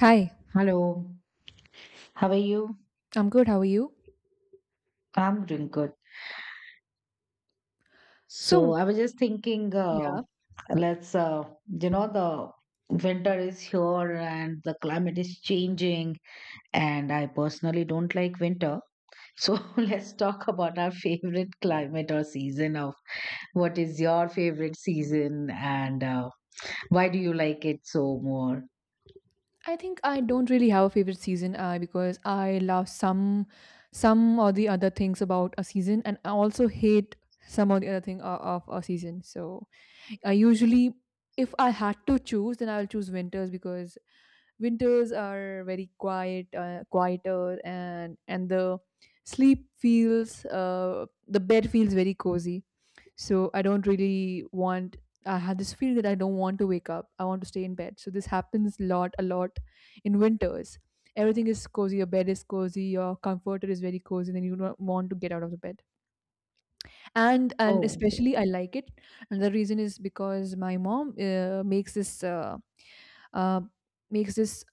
Hi, Hello, how are you? I'm good. How are you? I'm doing good. So So, I was just thinking, yeah, let's, The winter is here and the climate is changing, and I personally don't like winter. So let's talk about our favorite climate or season of what is your favorite season and why do you like it so more? I think I don't really have a favorite season because I love some or the other things about a season, and I also hate some or the other thing of a season. So, I usually, if I had to choose, then I'll choose winters because winters are very quiet, quieter, and the sleep feels the bed feels very cozy, so I don't really want, I have this feel that I don't want to wake up, I want to stay in bed. So this happens a lot in winters. Everything is cozy, your bed is cozy, your comforter is very cozy, then you don't want to get out of the bed. And Oh, especially I like it, and the reason is because my mom makes this uh, makes this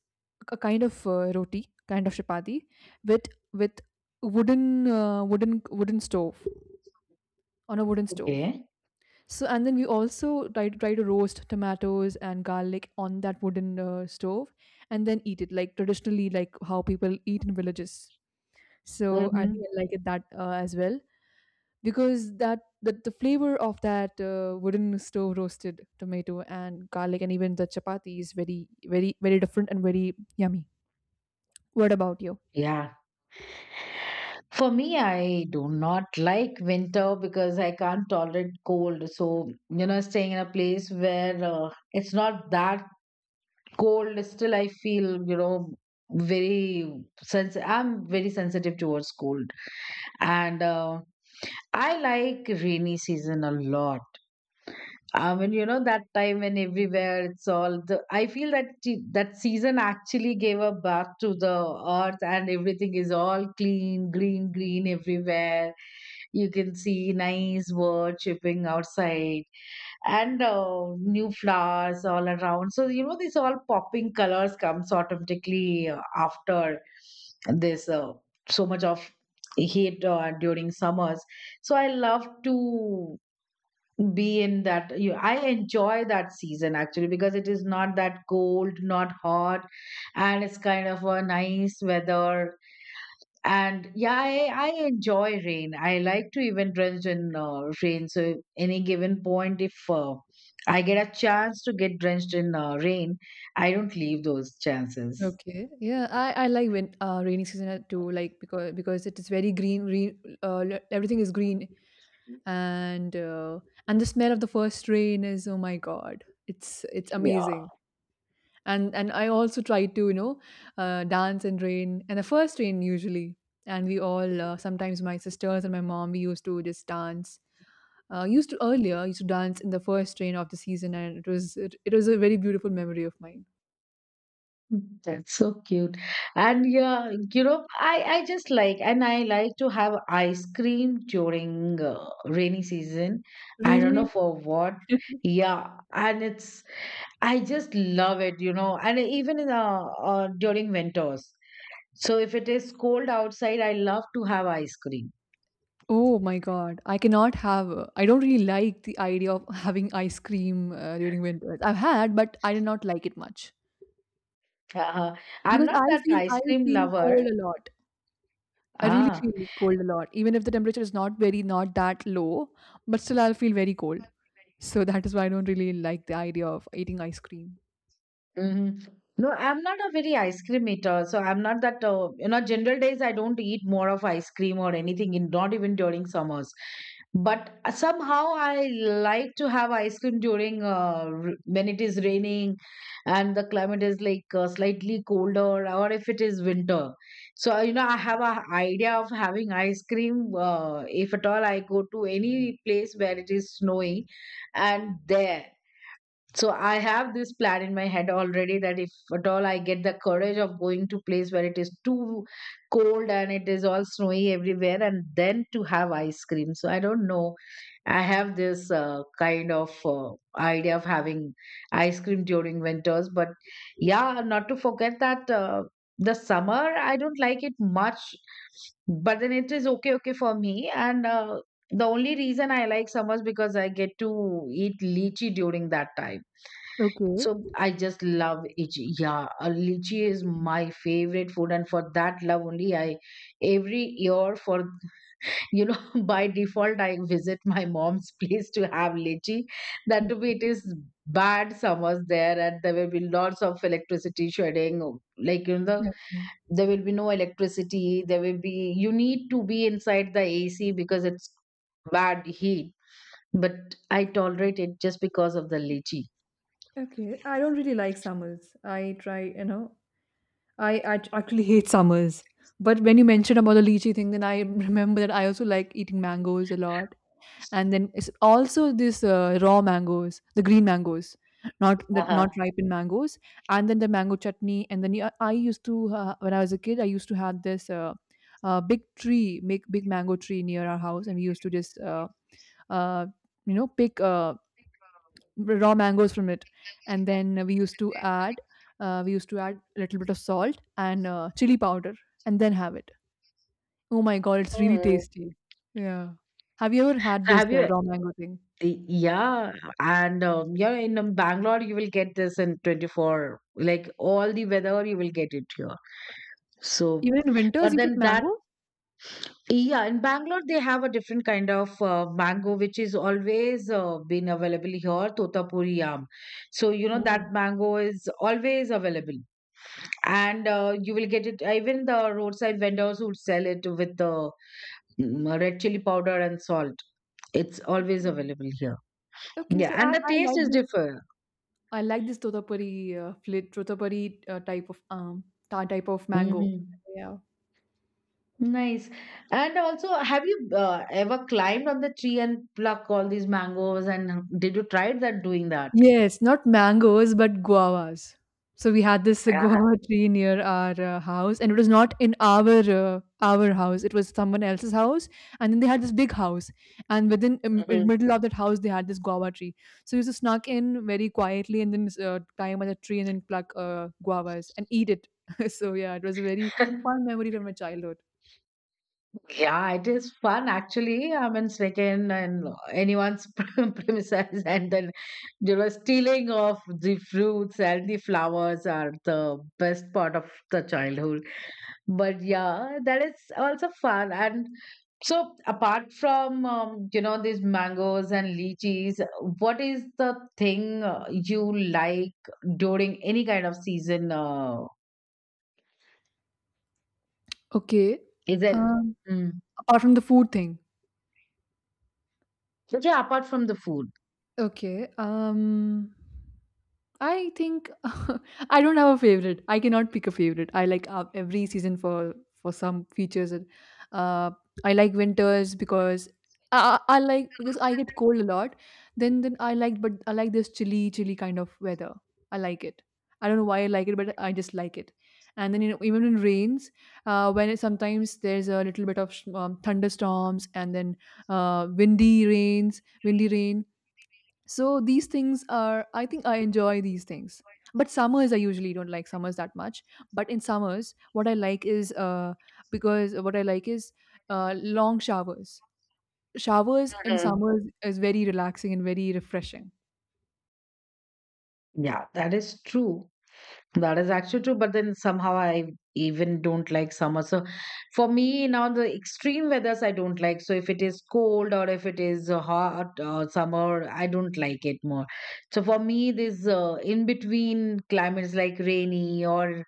a kind of roti, kind of chapati, with with wooden wooden stove, on a wooden stove. okay. So, and then we also try to try to roast tomatoes and garlic on that wooden stove, and then eat it like traditionally, like how people eat in villages. So I Mm-hmm. think I like it that as well, because the flavor of that wooden stove roasted tomato and garlic, and even the chapati, is very different and very yummy. What about you? Yeah. For me, I do not like winter because I can't tolerate cold. So, staying in a place where it's not that cold, still I feel, I'm very sensitive towards cold. And I like rainy season a lot. That time when everywhere it's all the, I feel that that season actually gave a bath to the earth and everything is all clean, green, green everywhere. You can see nice bird chirping outside and new flowers all around. So, these all popping colors comes automatically after this so much of heat during summers. So I love to be in that you I enjoy that season actually because it is not that cold not hot, and it's kind of a nice weather. And yeah, I enjoy rain. I like to even drench in rain, so any given point if I get a chance to get drenched in rain, I don't leave those chances. Okay. Yeah, I like when rainy season too, like, because it is very green, everything is green, and uh, and the smell of the first rain is, oh my god, it's amazing. And I also try to, you know, dance in rain, and the first rain usually, and we all, sometimes my sisters and my mom, we used to just dance, used to dance in the first rain of the season. And it was, it was a very beautiful memory of mine. That's so cute. And yeah, I just like, and I like to have ice cream during rainy season. I don't know Really? for what. Yeah, and I just love it, and even in during winters. So if it is cold outside, I love to have ice cream. Oh my God. I cannot have, I don't really like the idea of having ice cream during winter. I've had, but I did not like it much. Uh, I'm Because not that I ice cream feel lover. cold a lot. I really Ah. feel cold a lot, even if the temperature is not very, not that low, but still I'll feel very cold. So that is why I don't really like the idea of eating ice cream. Hmm. No, I'm not a very ice cream eater. So I'm not that, general days I don't eat more of ice cream or anything, in, not even during summers. But somehow I like to have ice cream during when it is raining and the climate is like slightly colder or if it is winter. So, I have a idea of having ice cream if at all I go to any place where it is snowing and there. So I have this plan in my head already that if at all I get the courage of going to place where it is too cold and it is all snowy everywhere and then to have ice cream. So I don't know. I have this kind of idea of having ice cream during winters, but yeah, not to forget that the summer I don't like it much, but then it is okay for me. And The only reason I like summers because I get to eat lychee during that time. Okay. So I just love lychee. Yeah, lychee is my favorite food, and for that love only, I every year for you know by default I visit my mom's place to have lychee. That Mm. too, it is bad summers there, and there will be lots of electricity shedding. Like you know, the, Okay. there will be no electricity. There will be you need to be inside the AC because it's bad heat. But I tolerate it just because of the lychee. Okay, I don't really like summers. I try, you know, I actually hate summers. But when you mentioned about the lychee thing, then I remember that I also like eating mangoes a lot. And then it's also this raw mangoes, the green mangoes, not the, Uh-huh. not ripened mangoes, and then the mango chutney. And I used to, when I was a kid, I used to have this big tree, big mango tree near our house, and we used to just uh, you know, pick raw mangoes from it, and then we used to add, we used to add a little bit of salt and chili powder, and then have it. Oh my god, it's really Hmm. tasty. Yeah. Have you ever had this Have you? raw mango thing? Yeah, and yeah, in Bangalore you will get this in 24. Like all the weather, you will get it here. So, Even in winters but you get then that mango. yeah, in Bangalore they have a different kind of mango which is always been available here, Totapuri yam. So you know Oh, that mango is always available, and you will get it even the roadside vendors would sell it with the red chili powder and salt. It's always okay. available here. Okay, Yeah, so and I the I taste like is this, different. I like this Totapuri, fla Totapuri, type of, ta type of mango. Mhm. Yeah. Nice. And also, have you ever climbed on the tree and pluck all these mangoes? And did you try that doing that? Yes, not mangoes, but guavas. So we had this Yeah. guava tree near our house, and it was not in our house. It was someone else's house, and then they had this big house. And within, in Mhm. middle of that house, they had this guava tree. So we just snuck in very quietly, and then climb on the tree and then pluck guavas and eat it. So yeah, it was a very fun memory from my childhood. Yeah, it is fun actually. I'm in Svekin and anyone's premises, and then you know, stealing of the fruits and the flowers are the best part of the childhood. But yeah, that is also fun. And so, apart from you know these mangoes and lychees, what is the thing you like during any kind of season? Okay. Is it? Um, Mm. apart from the food thing. Okay, apart from the food. Okay. Um, I think I don't have a favorite. I cannot pick a favorite. I like every season for some features. Uh, I like winters because I like, because I get cold a lot. Then I like, but I like this chilly kind of weather. I like it. I don't know why I like it, but I just like it. And then, you know, even in rains, when it, sometimes there's a little bit of thunderstorms, and then windy rains, windy rain, so these things are, I think I enjoy these things. But summers, I usually don't like summers that much. But in summers, what I like is, because what I like is long showers. Showers in Mhm. summers is very relaxing and very refreshing. Yeah, that is true. That is actually true, but then somehow I even don't like summer. So for me now the extreme weathers I don't like. So if it is cold or if it is hot or summer, I don't like it more. So for me, this in between climates like rainy or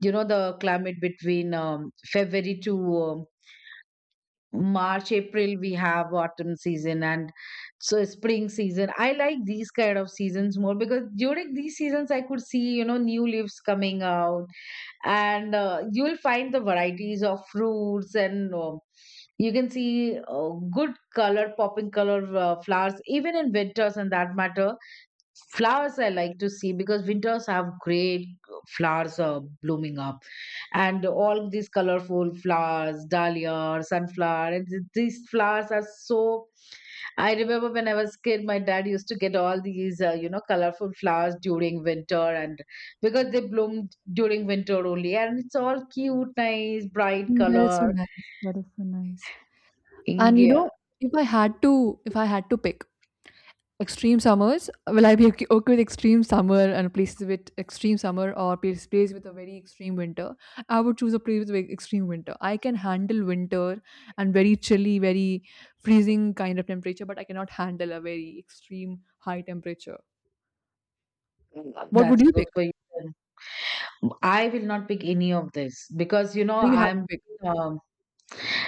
you know the climate between February to March, April we have autumn season and so spring season. I like these kind of seasons more because during these seasons I could see you know new leaves coming out and you will find the varieties of fruits and you can see good color popping color flowers even in winters and that matter flowers I like to see because winters have great flowers blooming up and all these colorful flowers dahlia sunflower and these flowers are so I remember when I was kid, my dad used to get all these, you know, colorful flowers during winter, and because they bloom during winter only, and it's all cute, nice, bright Mm, that is so color. nice. That is so nice. And you India, know, if I had to, if I had to pick, extreme summers? Will I be okay with extreme summer, and places with extreme summer, or place with a very extreme winter? I would choose a place with very extreme winter. I can handle winter, and very chilly, very freezing kind of temperature, but I cannot handle a very extreme high temperature. What would that's you good pick? for you. I will not pick any of this because you know You have to I'm. pick? um,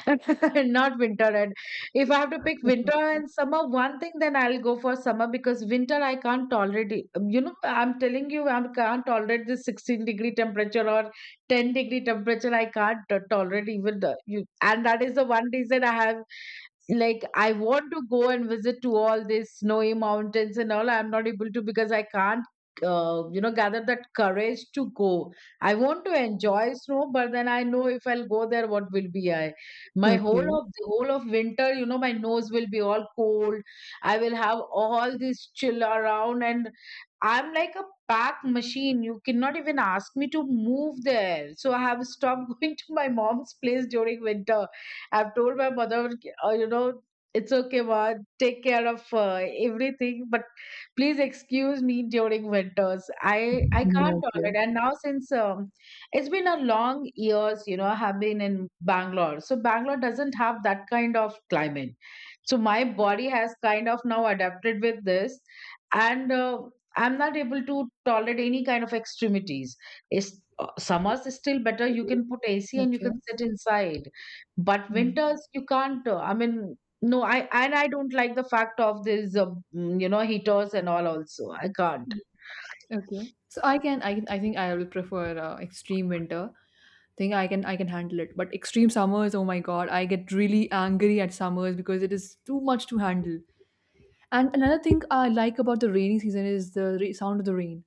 Not winter. And if I have to pick winter and summer, one thing, then I'll go for summer because winter I can't tolerate it. You know, I'm telling you, I can't tolerate this 16-degree temperature or 10-degree temperature. I can't tolerate even the you. And that is the one reason I have like I want to go and visit to all these snowy mountains and all. I'm not able to because I can't. You know, gather that courage to go. I want to enjoy snow, but then I know if I'll go there, what will be I? My whole Okay. of the whole of winter you know my nose will be all cold. I will have all this chill around, and I'm like a pack machine. You cannot even ask me to move there, so I have stopped going to my mom's place during winter. I've told my mother, you know, it's okay ma, take care of everything, but please excuse me during winters. I Mhm. can't Okay. tolerate. And now since it's been a long years, you know, I have been in Bangalore. So Bangalore doesn't have that kind of climate. So my body has kind of now adapted with this, and I'm not able to tolerate any kind of extremities. It's, summers is still better. You can put AC and you Okay. can sit inside, but Mm. winters you can't. I mean, no, I and I don't like the fact of this, you know, heaters and all. Also, I can't. Okay. So I can, I think I will prefer extreme winter. Think I can handle it. But extreme summers, oh my god, I get really angry at summers because it is too much to handle. And another thing I like about the rainy season is the sound of the rain.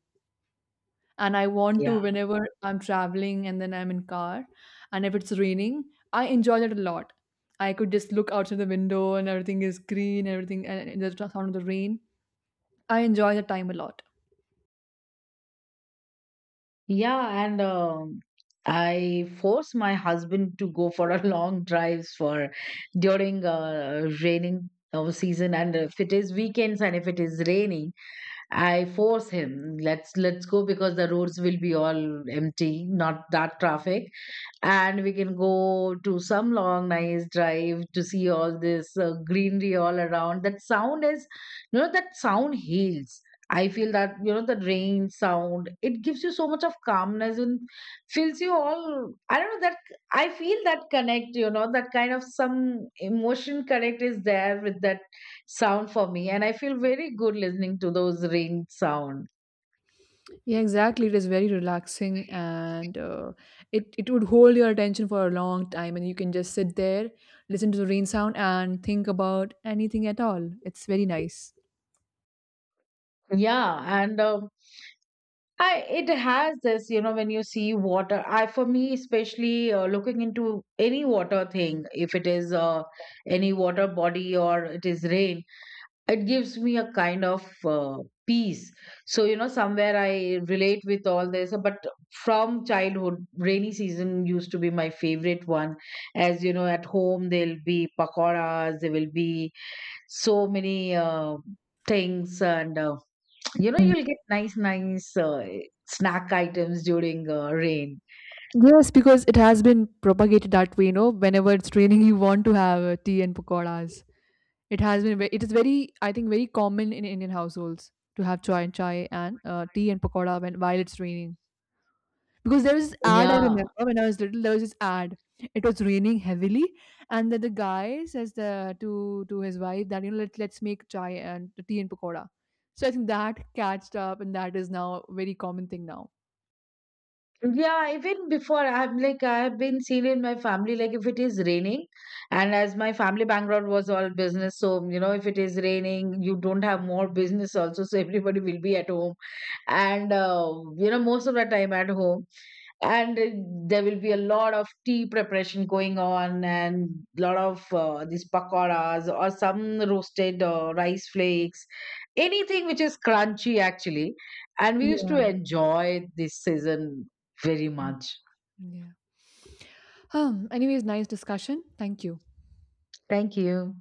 And I want to, Yeah. whenever I'm traveling and then I'm in car, and if it's raining, I enjoy that a lot. I could just look outside the window, and everything is green, everything, and the sound of the rain. I enjoy that time a lot. Yeah, and I force my husband to go for a long drives for during raining season, and if it is weekends and if it is raining, I force him. Let's go because the roads will be all empty, not that traffic, and we can go to some long nice drive to see all this greenery all around. That sound is you know that sound heals. I feel that you know the rain sound it gives you so much of calmness and fills you all. I don't know that I feel that connect. You know that kind of some emotion connect is there with that sound for me, and I feel very good listening to those rain sound. Yeah, exactly. It is very relaxing, and it it would hold your attention for a long time, and you can just sit there, listen to the rain sound, and think about anything at all. It's very nice. Yeah, and I it has this, you know, when you see water. I for me, especially looking into any water thing, if it is any water body or it is rain, it gives me a kind of peace. So you know, somewhere I relate with all this. But from childhood, rainy season used to be my favorite one. As you know, at home there'll be pakoras, there will be so many things and. You know, Yeah. you'll get nice, nice snack items during rain. Yes, because it has been propagated that way. You know, whenever it's raining, you want to have tea and pakoras. It has been, it is very, I think, very common in Indian households to have chai and tea and pakora when, while it's raining. Because there was this ad, I Yeah. remember when I was little, there was this ad. It was raining heavily, and then the guy says to his wife that, you know, let's make chai and tea and pakoda. So I think that catched up, and that is now a very common thing now. Yeah, even before I'm like I've been seen in my family, like if it is raining, and as my family background was all business, so you know, if it is raining, you don't have more business also, so everybody will be at home. And you know most of the time at home, and there will be a lot of tea preparation going on, and lot of these pakoras or some roasted rice flakes, anything which is crunchy actually, and we used to Yeah. enjoy this season very Mm, much. yeah. Um, anyways, nice discussion. Thank you. Thank you.